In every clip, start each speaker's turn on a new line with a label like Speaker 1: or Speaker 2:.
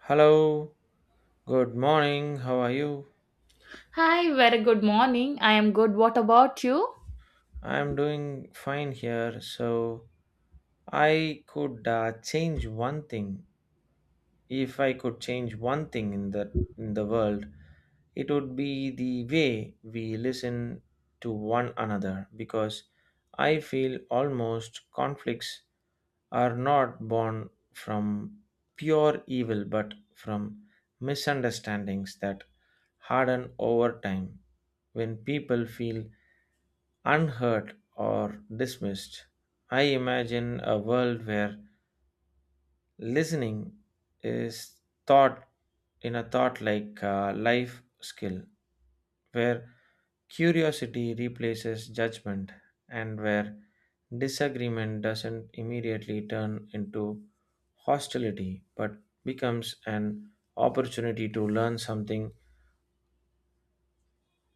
Speaker 1: Hello, good morning. How are you?
Speaker 2: Hi, very good morning. I am good. What about you?
Speaker 1: I'm doing fine here. So, I could change one thing. If I could change one thing in the world, it would be the way we listen to one another, because I feel almost conflicts are not born from pure evil but from misunderstandings that harden over time when people feel unheard or dismissed. I imagine a world where listening is thought in a thought like life skill, where curiosity replaces judgment and where disagreement doesn't immediately turn into hostility but becomes an opportunity to learn something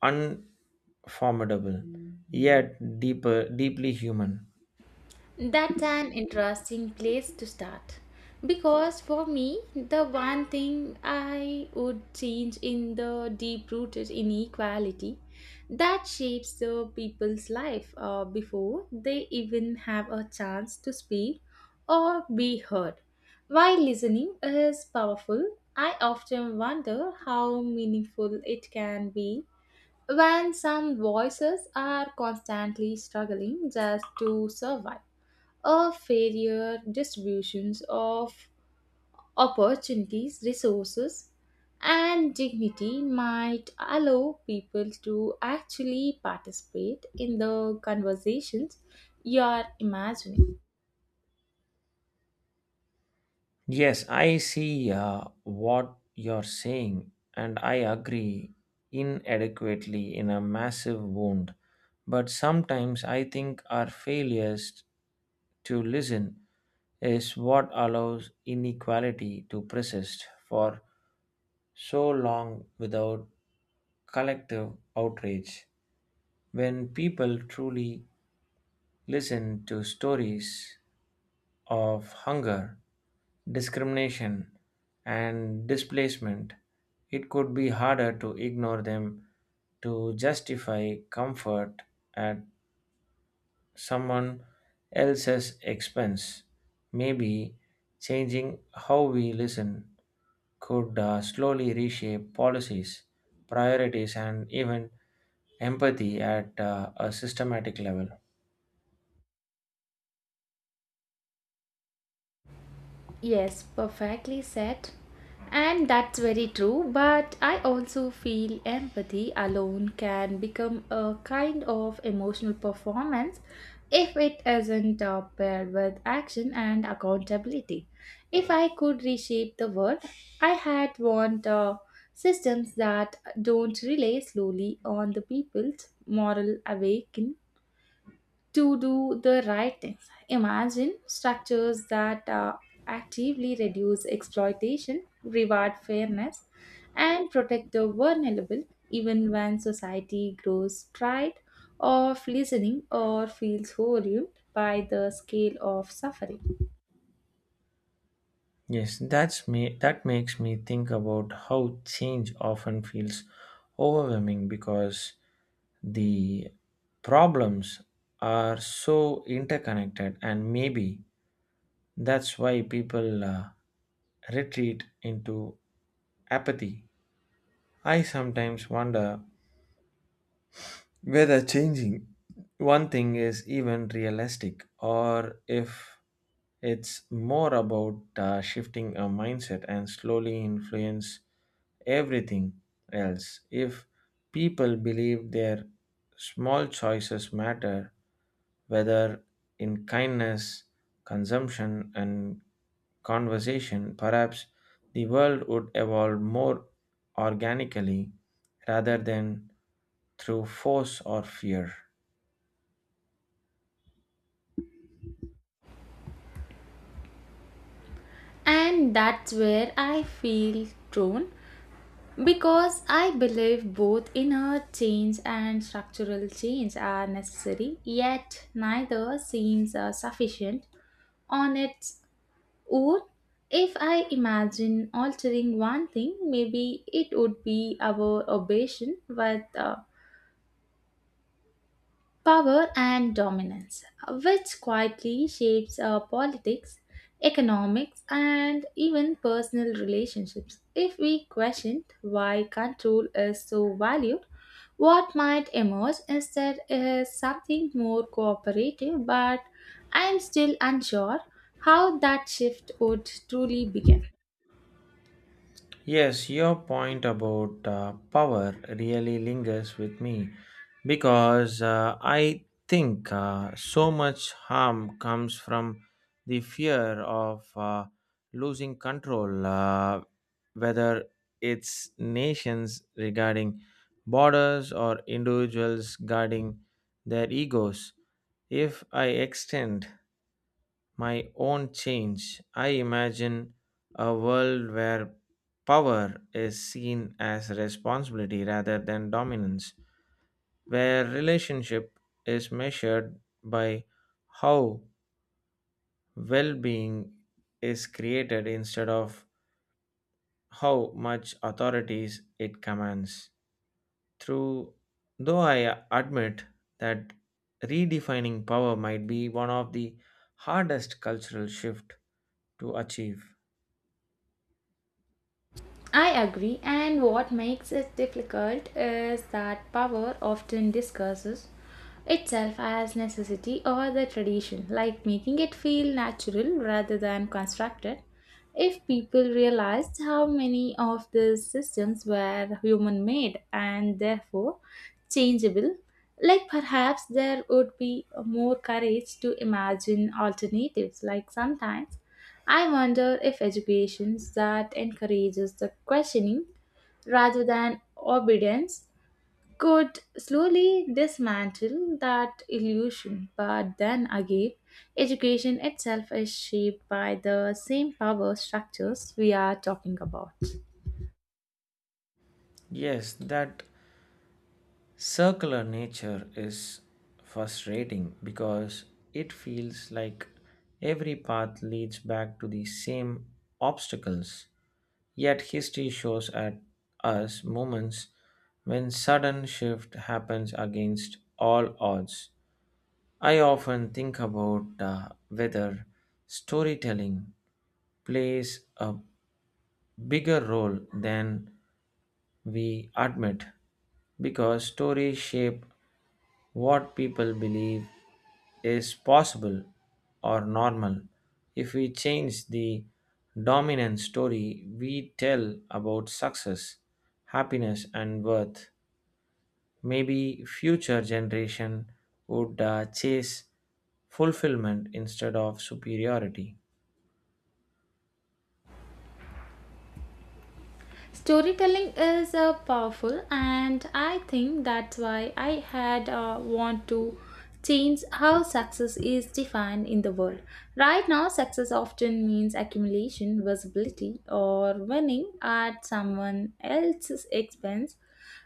Speaker 1: unformidable yet deeper deeply human.
Speaker 2: That's an interesting place to start. Because for me, the one thing I would change in the deep rooted inequality that shapes the people's life before they even have a chance to speak or be heard. While listening is powerful, I often wonder how meaningful it can be when some voices are constantly struggling just to survive. A fairer distributions of opportunities, resources, and dignity might allow people to actually participate in the conversations you are imagining.
Speaker 1: Yes, I see what you're saying, and I agree inadequately in a massive wound. But sometimes I think our failures to listen is what allows inequality to persist for so long without collective outrage. When people truly listen to stories of hunger, discrimination, and displacement, it could be harder to ignore them, to justify comfort at someone else's expense. Maybe changing how we listen could slowly reshape policies, priorities, and even empathy at a systematic level.
Speaker 2: Yes, perfectly said. And that's very true, but I also feel empathy alone can become a kind of emotional performance if it isn't paired with action and accountability. If I could reshape the world, I had want systems that don't rely slowly on the people's moral awakening to do the right things. Imagine structures that actively reduce exploitation, reward fairness, and protect the vulnerable, even when society grows tired of listening or feels overwhelmed by the scale of suffering.
Speaker 1: Yes, that's me. That makes me think about how change often feels overwhelming because the problems are so interconnected, and maybe that's why people retreat into apathy. I sometimes wonder whether changing one thing is even realistic, or if it's more about shifting a mindset and slowly influence everything else. If people believe their small choices matter, whether in kindness, consumption, and conversation, perhaps the world would evolve more organically rather than through force or fear.
Speaker 2: And that's where I feel drawn because I believe both inner change and structural change are necessary, yet neither seems sufficient on its own. If I imagine altering one thing, maybe it would be our obsession with power and dominance, which quietly shapes our politics, economics, and even personal relationships. If we questioned why control is so valued, what might emerge instead is something more cooperative, but I am still unsure how that shift would truly begin.
Speaker 1: Yes, your point about power really lingers with me because I think so much harm comes from the fear of losing control, whether it's nations regarding borders or individuals guarding their egos. If I extend my own change, I imagine a world where power is seen as responsibility rather than dominance, where relationship is measured by how well being is created instead of how much authorities it commands. Through though I admit that redefining power might be one of the hardest cultural shift to achieve.
Speaker 2: I agree, and what makes it difficult is that power often discusses itself as necessity or the tradition, like making it feel natural rather than constructed. If people realized how many of these systems were human made and therefore changeable, like perhaps there would be more courage to imagine alternatives, like sometimes I wonder if education that encourages the questioning rather than obedience could slowly dismantle that illusion. But then again, education itself is shaped by the same power structures we are talking about.
Speaker 1: Yes, that circular nature is frustrating because it feels like every path leads back to the same obstacles. Yet history shows at us moments when sudden shift happens against all odds. I often think about whether storytelling plays a bigger role than we admit, because stories shape what people believe is possible or normal. If we change the dominant story we tell about success, happiness, and worth, maybe future generation would chase fulfillment instead of superiority.
Speaker 2: Storytelling is powerful, and I think that's why I had want to change how success is defined in the world. Right now, success often means accumulation, visibility, or winning at someone else's expense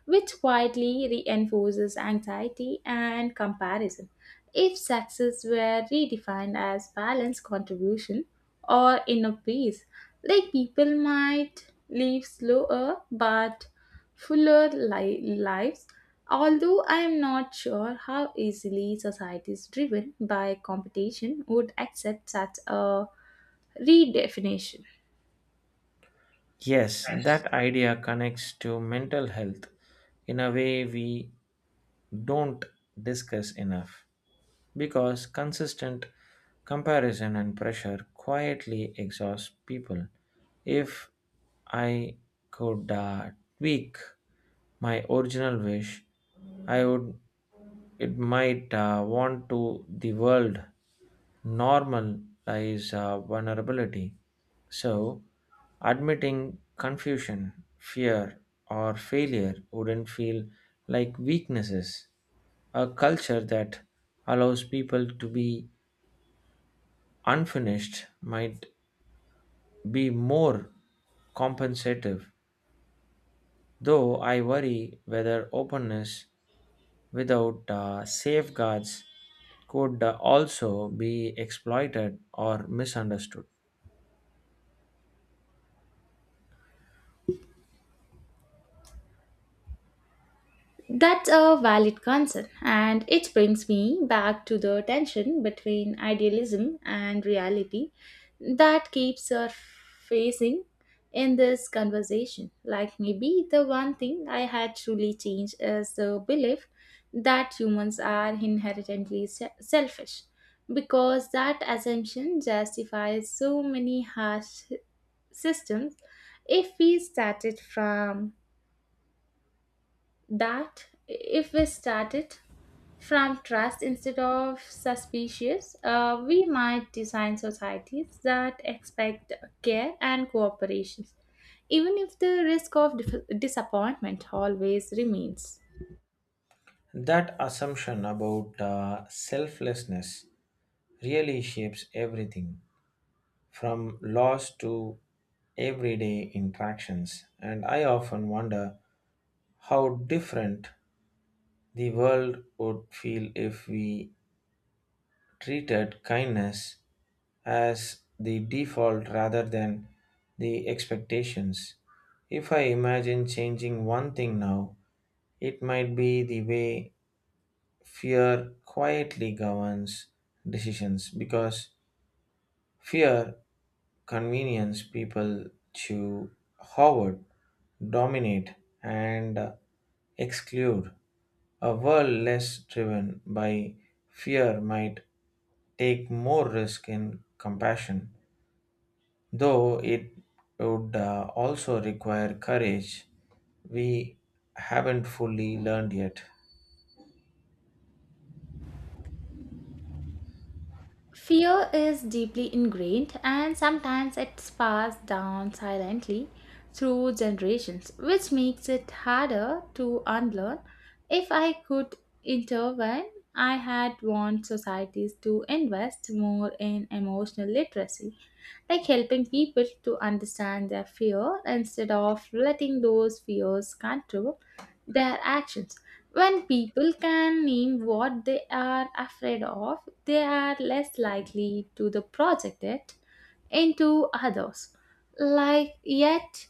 Speaker 2: which quietly reinforces anxiety and comparison. If success were redefined as balanced contribution or inner peace, like people might live slower but fuller lives. Although I am not sure how easily societies driven by competition would accept such a redefinition.
Speaker 1: Yes, that idea connects to mental health in a way we don't discuss enough, because consistent comparison and pressure quietly exhaust people. If I could tweak my original wish, I would it might want to the world normalize vulnerability. So, admitting confusion, fear, or failure wouldn't feel like weaknesses. A culture that allows people to be unfinished might be more compensative, though I worry whether openness without safeguards could also be exploited or misunderstood.
Speaker 2: That's a valid concern, and it brings me back to the tension between idealism and reality that keeps surfacing in this conversation. Like, maybe the one thing I had truly changed is the belief that humans are inherently selfish, because that assumption justifies so many harsh systems if we started from that if we start it from trust instead of suspicious, we might design societies that expect care and cooperation, even if the risk of disappointment always remains.
Speaker 1: That assumption about selflessness really shapes everything from laws to everyday interactions, and I often wonder how different the world would feel if we treated kindness as the default rather than the expectations. If I imagine changing one thing now, it might be the way fear quietly governs decisions, because fear convenience people to hoard, dominate, and exclude. A world less driven by fear might take more risk in compassion, though it would also require courage we haven't fully learned yet.
Speaker 2: Fear is deeply ingrained and sometimes it's passed down silently through generations, which makes it harder to unlearn. If I could intervene, I had want societies to invest more in emotional literacy, like helping people to understand their fear instead of letting those fears control their actions. When people can name what they are afraid of, they are less likely to the project it into others. Like yet,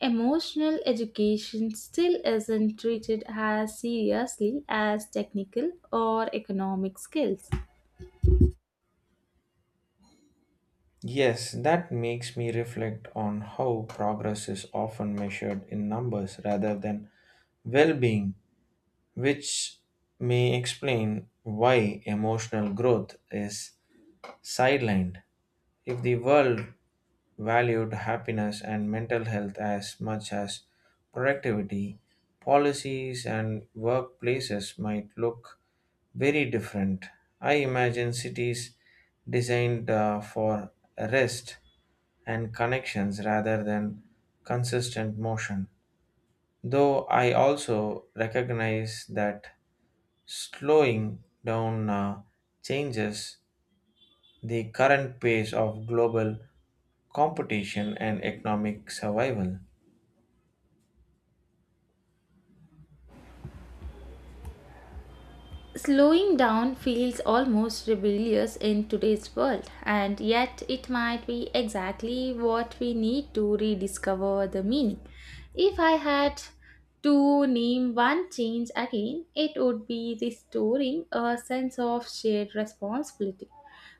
Speaker 2: emotional education still isn't treated as seriously as technical or economic skills.
Speaker 1: Yes, that makes me reflect on how progress is often measured in numbers rather than well being, which may explain why emotional growth is sidelined. If the world valued happiness and mental health as much as productivity, policies and workplaces might look very different. I imagine cities designed for rest and connections rather than consistent motion. Though I also recognize that slowing down changes the current pace of global competition and economic survival.
Speaker 2: Slowing down feels almost rebellious in today's world, and yet it might be exactly what we need to rediscover the meaning. If I had to name one change again, it would be restoring a sense of shared responsibility,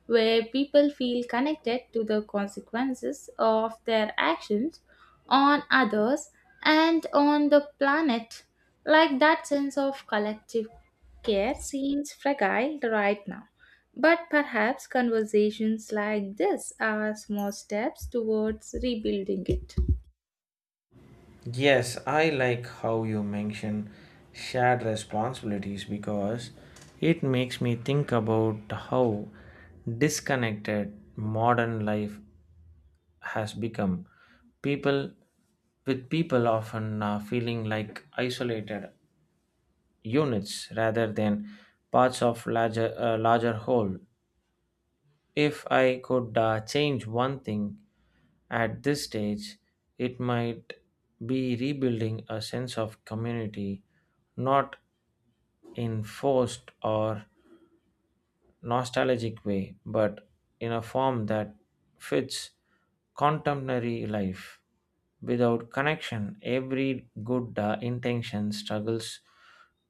Speaker 2: where people feel connected to the consequences of their actions on others and on the planet, like that sense of collective care seems fragile right now, but perhaps conversations like this are small steps towards rebuilding it.
Speaker 1: Yes, I like how you mention shared responsibilities, because it makes me think about how disconnected modern life has become. People with people often feeling like isolated units rather than parts of larger whole. If I could change one thing at this stage, it might be rebuilding a sense of community, not in forced or nostalgic way, but in a form that fits contemporary life. Without connection, every good intention struggles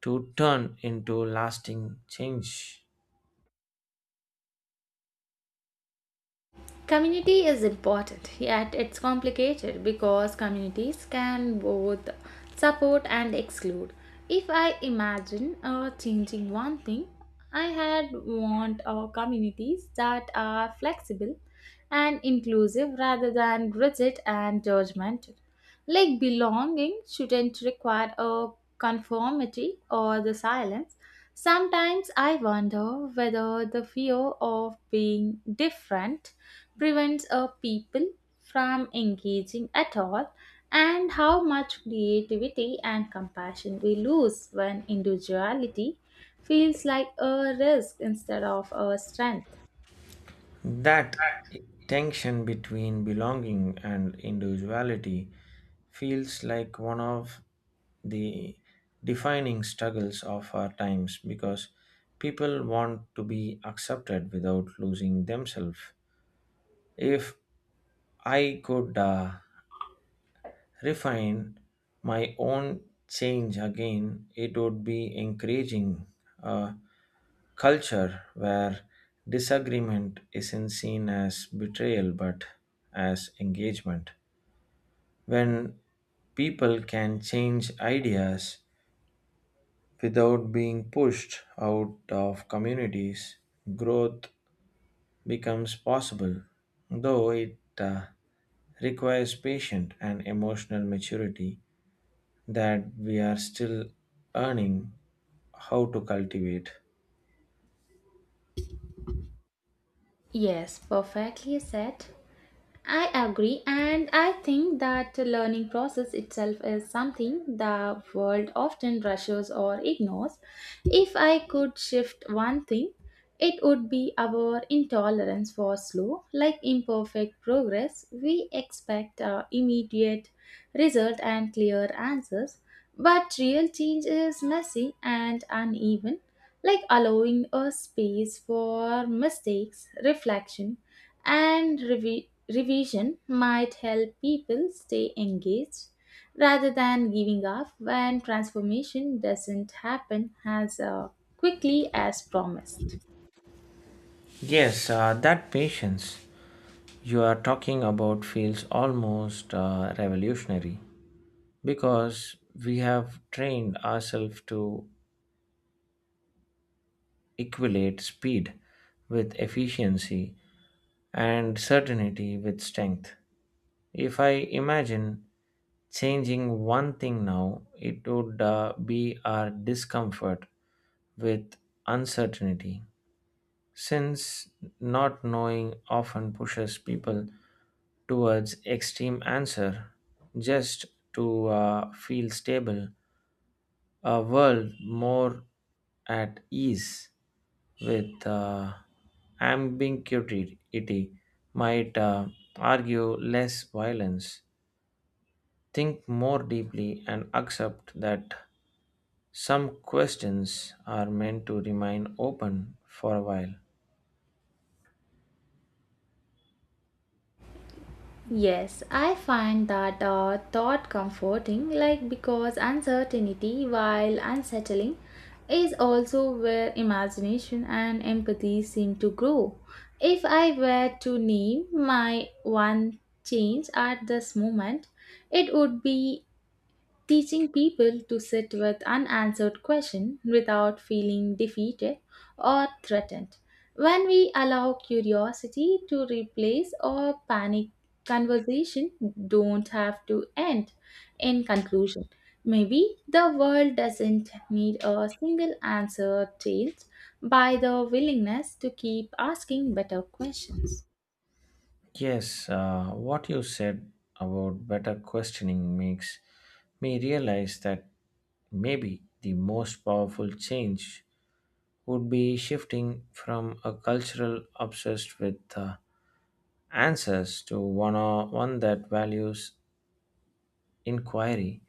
Speaker 1: to turn into lasting change.
Speaker 2: Community is important, yet it's complicated because communities can both support and exclude. If I imagine changing one thing, I had want communities that are flexible and inclusive rather than rigid and judgmental. Like belonging shouldn't require a conformity or the silence. Sometimes I wonder whether the fear of being different prevents a people from engaging at all and how much creativity and compassion we lose when individuality feels like a risk instead of a strength.
Speaker 1: That tension between belonging and individuality feels like one of the defining struggles of our times, because people want to be accepted without losing themselves. If I could refine my own change again, it would be encouraging Uh, culture where disagreement isn't seen as betrayal but as engagement. When people can change ideas without being pushed out of communities, growth becomes possible, though it requires patience and emotional maturity that we are still earning how to cultivate.
Speaker 2: Yes, perfectly said. I agree, and I think that the learning process itself is something the world often rushes or ignores. If I could shift one thing, it would be our intolerance for slow, like imperfect progress. We expect immediate result and clear answers, but real change is messy and uneven, like allowing a space for mistakes, reflection, and revision might help people stay engaged rather than giving up when transformation doesn't happen as quickly as promised.
Speaker 1: Yes, that patience you are talking about feels almost revolutionary, because we have trained ourselves to equate speed with efficiency and certainty with strength. If I imagine changing one thing now, it would be our discomfort with uncertainty. Since not knowing often pushes people towards extreme answer just to feel stable, a world more at ease with ambiguity might argue less violence, think more deeply, and accept that some questions are meant to remain open for a while.
Speaker 2: Yes, I find that thought comforting, like because uncertainty, while unsettling, is also where imagination and empathy seem to grow. If I were to name my one change at this moment, it would be teaching people to sit with unanswered questions without feeling defeated or threatened. When we allow curiosity to replace or panic, conversation don't have to end. In conclusion, maybe the world doesn't need a single answer changed by the willingness to keep asking better questions.
Speaker 1: Yes, what you said about better questioning makes me realize that maybe the most powerful change would be shifting from a cultural obsessed with answers to one, or one that values inquiry.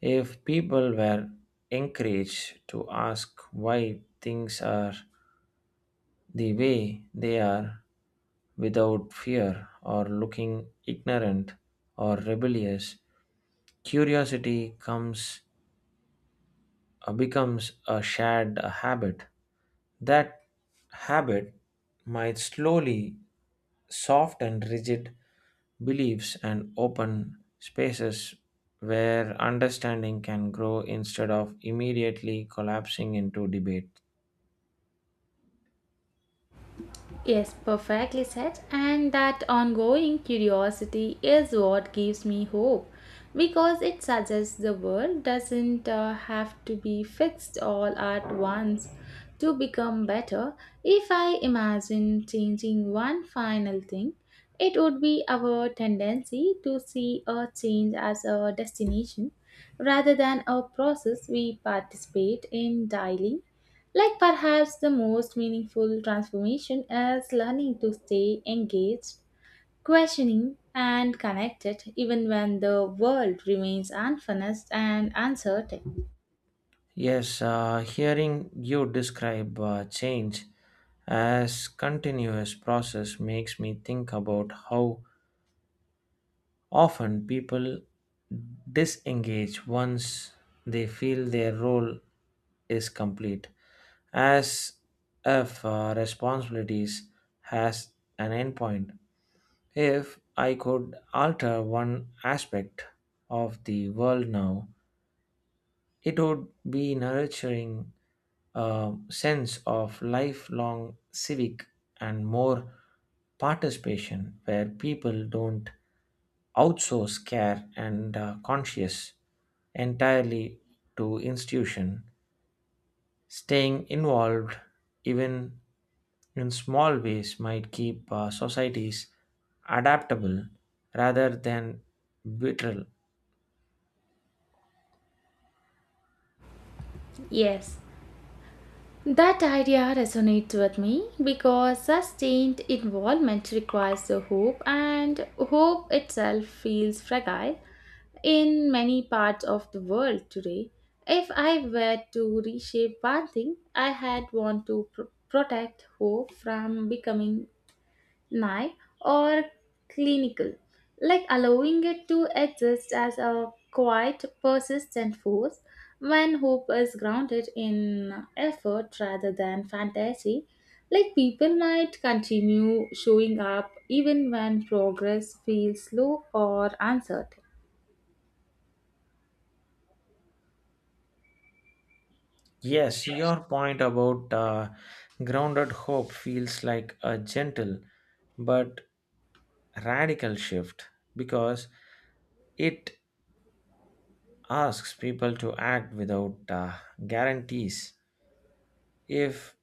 Speaker 1: If people were encouraged to ask why things are the way they are without fear or looking ignorant or rebellious, curiosity comes becomes a shared habit. That habit might slowly soften rigid beliefs and open spaces where understanding can grow instead of immediately collapsing into debate.
Speaker 2: Yes, perfectly said. And that ongoing curiosity is what gives me hope because it suggests the world doesn't have to be fixed all at once to become better. If I imagine changing one final thing, it would be our tendency to see a change as a destination rather than a process we participate in daily like perhaps the most meaningful transformation is learning to stay engaged, questioning, and connected even when the world remains unfinished and uncertain.
Speaker 1: Yes, hearing you describe change as continuous process makes me think about how often people disengage once they feel their role is complete, as if responsibilities has an endpoint. If I could alter one aspect of the world now, it would be nurturing a sense of lifelong civic and more participation where people don't outsource care and conscious entirely to institution. Staying involved even in small ways might keep societies adaptable rather than brittle.
Speaker 2: Yes, that idea resonates with me because sustained involvement requires the hope, and hope itself feels fragile. In many parts of the world today, if I were to reshape one thing, I had want to protect hope from becoming naive or clinical, like allowing it to exist as a quiet, persistent force. When hope is grounded in effort rather than fantasy, like people might continue showing up even when progress feels slow or uncertain.
Speaker 1: Yes, your point about grounded hope feels like a gentle but radical shift, because it asks people to act without guarantees. If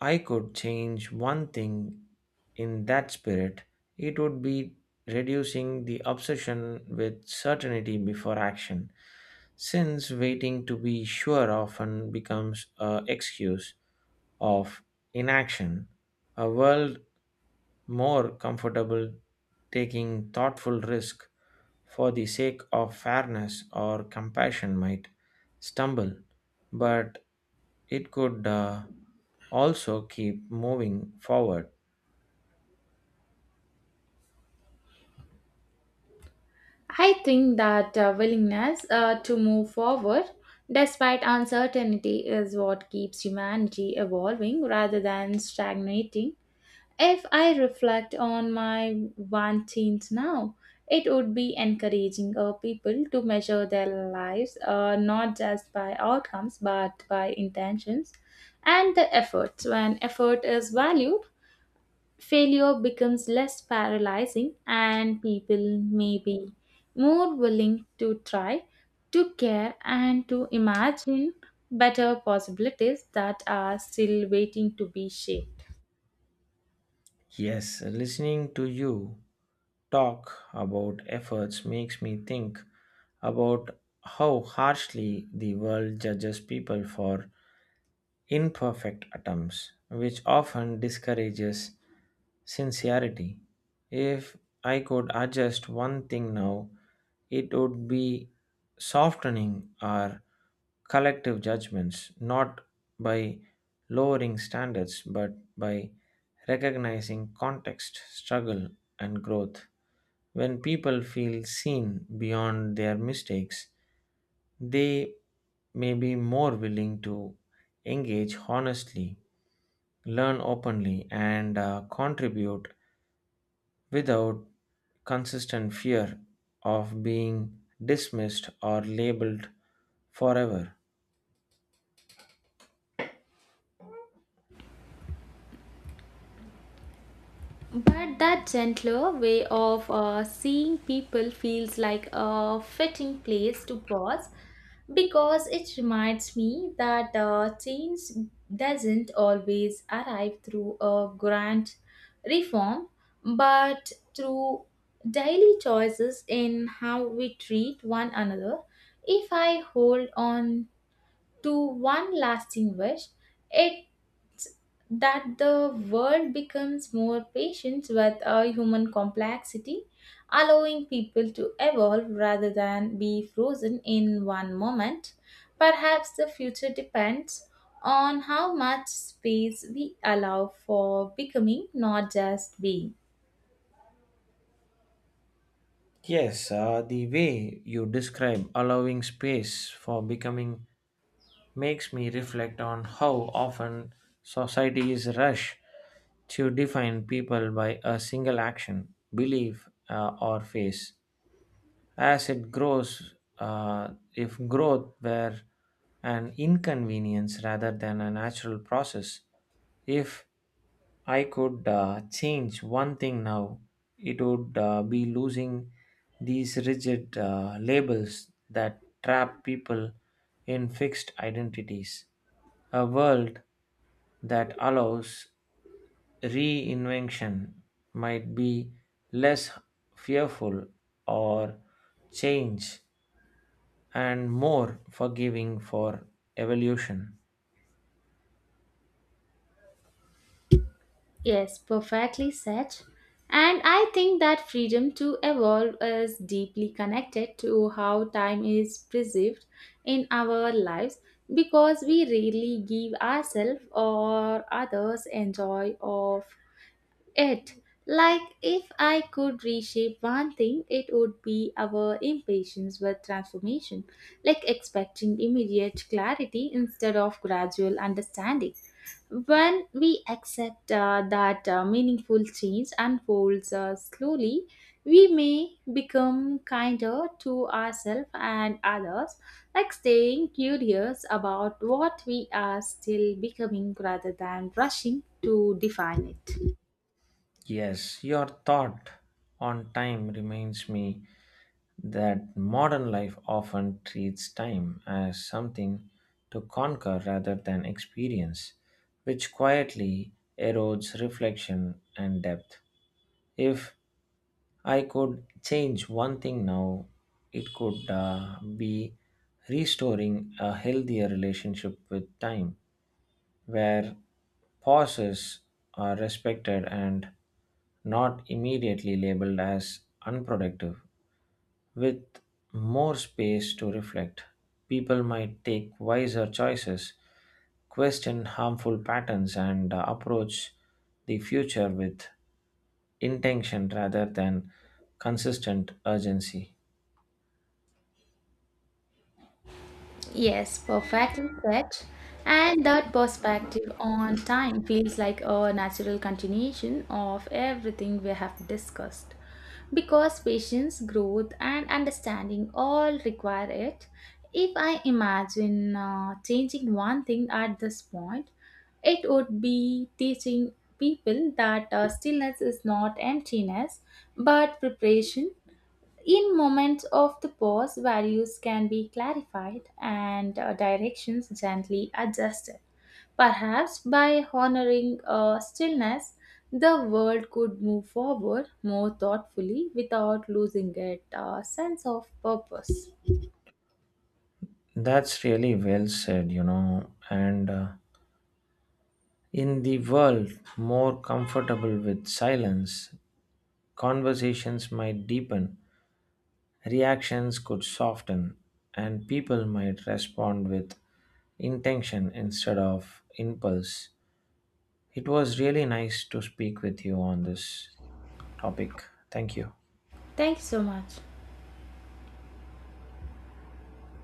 Speaker 1: I could change one thing in that spirit, it would be reducing the obsession with certainty before action, since waiting to be sure often becomes an excuse of inaction. A world more comfortable taking thoughtful risk for the sake of fairness or compassion might stumble, but it could also keep moving forward.
Speaker 2: I think that willingness to move forward despite uncertainty is what keeps humanity evolving rather than stagnating. If I reflect on my first now, it would be encouraging people to measure their lives not just by outcomes but by intentions and the efforts. When effort is valued, failure becomes less paralyzing and people may be more willing to try, to care, and to imagine better possibilities that are still waiting to be shaped.
Speaker 1: Yes, listening to you talk about efforts makes me think about how harshly the world judges people for imperfect attempts, which often discourages sincerity. If I could adjust one thing now, it would be softening our collective judgments, not by lowering standards, but by recognizing context, struggle, and growth. When people feel seen beyond their mistakes, they may be more willing to engage honestly, learn openly, and contribute without consistent fear of being dismissed or labeled forever.
Speaker 2: But that gentler way of seeing people feels like a fitting place to pause because it reminds me that change doesn't always arrive through a grand reform but through daily choices in how we treat one another. If I hold on to one lasting wish, it that the world becomes more patient with a human complexity, allowing people to evolve rather than be frozen in one moment. Perhaps the future depends on how much space we allow for becoming, not just being.
Speaker 1: Yes, the way you describe allowing space for becoming makes me reflect on how often societies rush to define people by a single action, belief, or phase. As it grows, if growth were an inconvenience rather than a natural process, if I could change one thing now, it would be losing these rigid labels that trap people in fixed identities. A world that allows reinvention might be less fearful or change and more forgiving for evolution.
Speaker 2: Yes, perfectly said. And I think that freedom to evolve is deeply connected to how time is perceived in our lives because we rarely give ourselves or others enjoy of it like if I could reshape one thing, it would be our impatience with transformation, like expecting immediate clarity instead of gradual understanding. When we accept that meaningful change unfolds slowly, we may become kinder to ourselves and others, like staying curious about what we are still becoming rather than rushing to define it.
Speaker 1: Yes, your thought on time reminds me that modern life often treats time as something to conquer rather than experience, which quietly erodes reflection and depth. If I could change one thing now, it could be restoring a healthier relationship with time, where pauses are respected and not immediately labeled as unproductive. With more space to reflect, people might take wiser choices, question harmful patterns, and approach the future with intention rather than consistent urgency.
Speaker 2: Yes, perfectly said. And that perspective on time feels like a natural continuation of everything we have discussed. Because patience, growth, and understanding all require it. If I imagine changing one thing at this point, it would be teaching people that stillness is not emptiness but preparation in moments of the pause, values can be clarified and directions gently adjusted. Perhaps by honoring stillness, the world could move forward more thoughtfully without losing its sense of purpose.
Speaker 1: That's really well said, you know. And in the world more comfortable with silence, conversations might deepen, reactions could soften, and people might respond with intention instead of impulse. It was really nice to speak with you on this topic. Thank you.
Speaker 2: Thank you so much.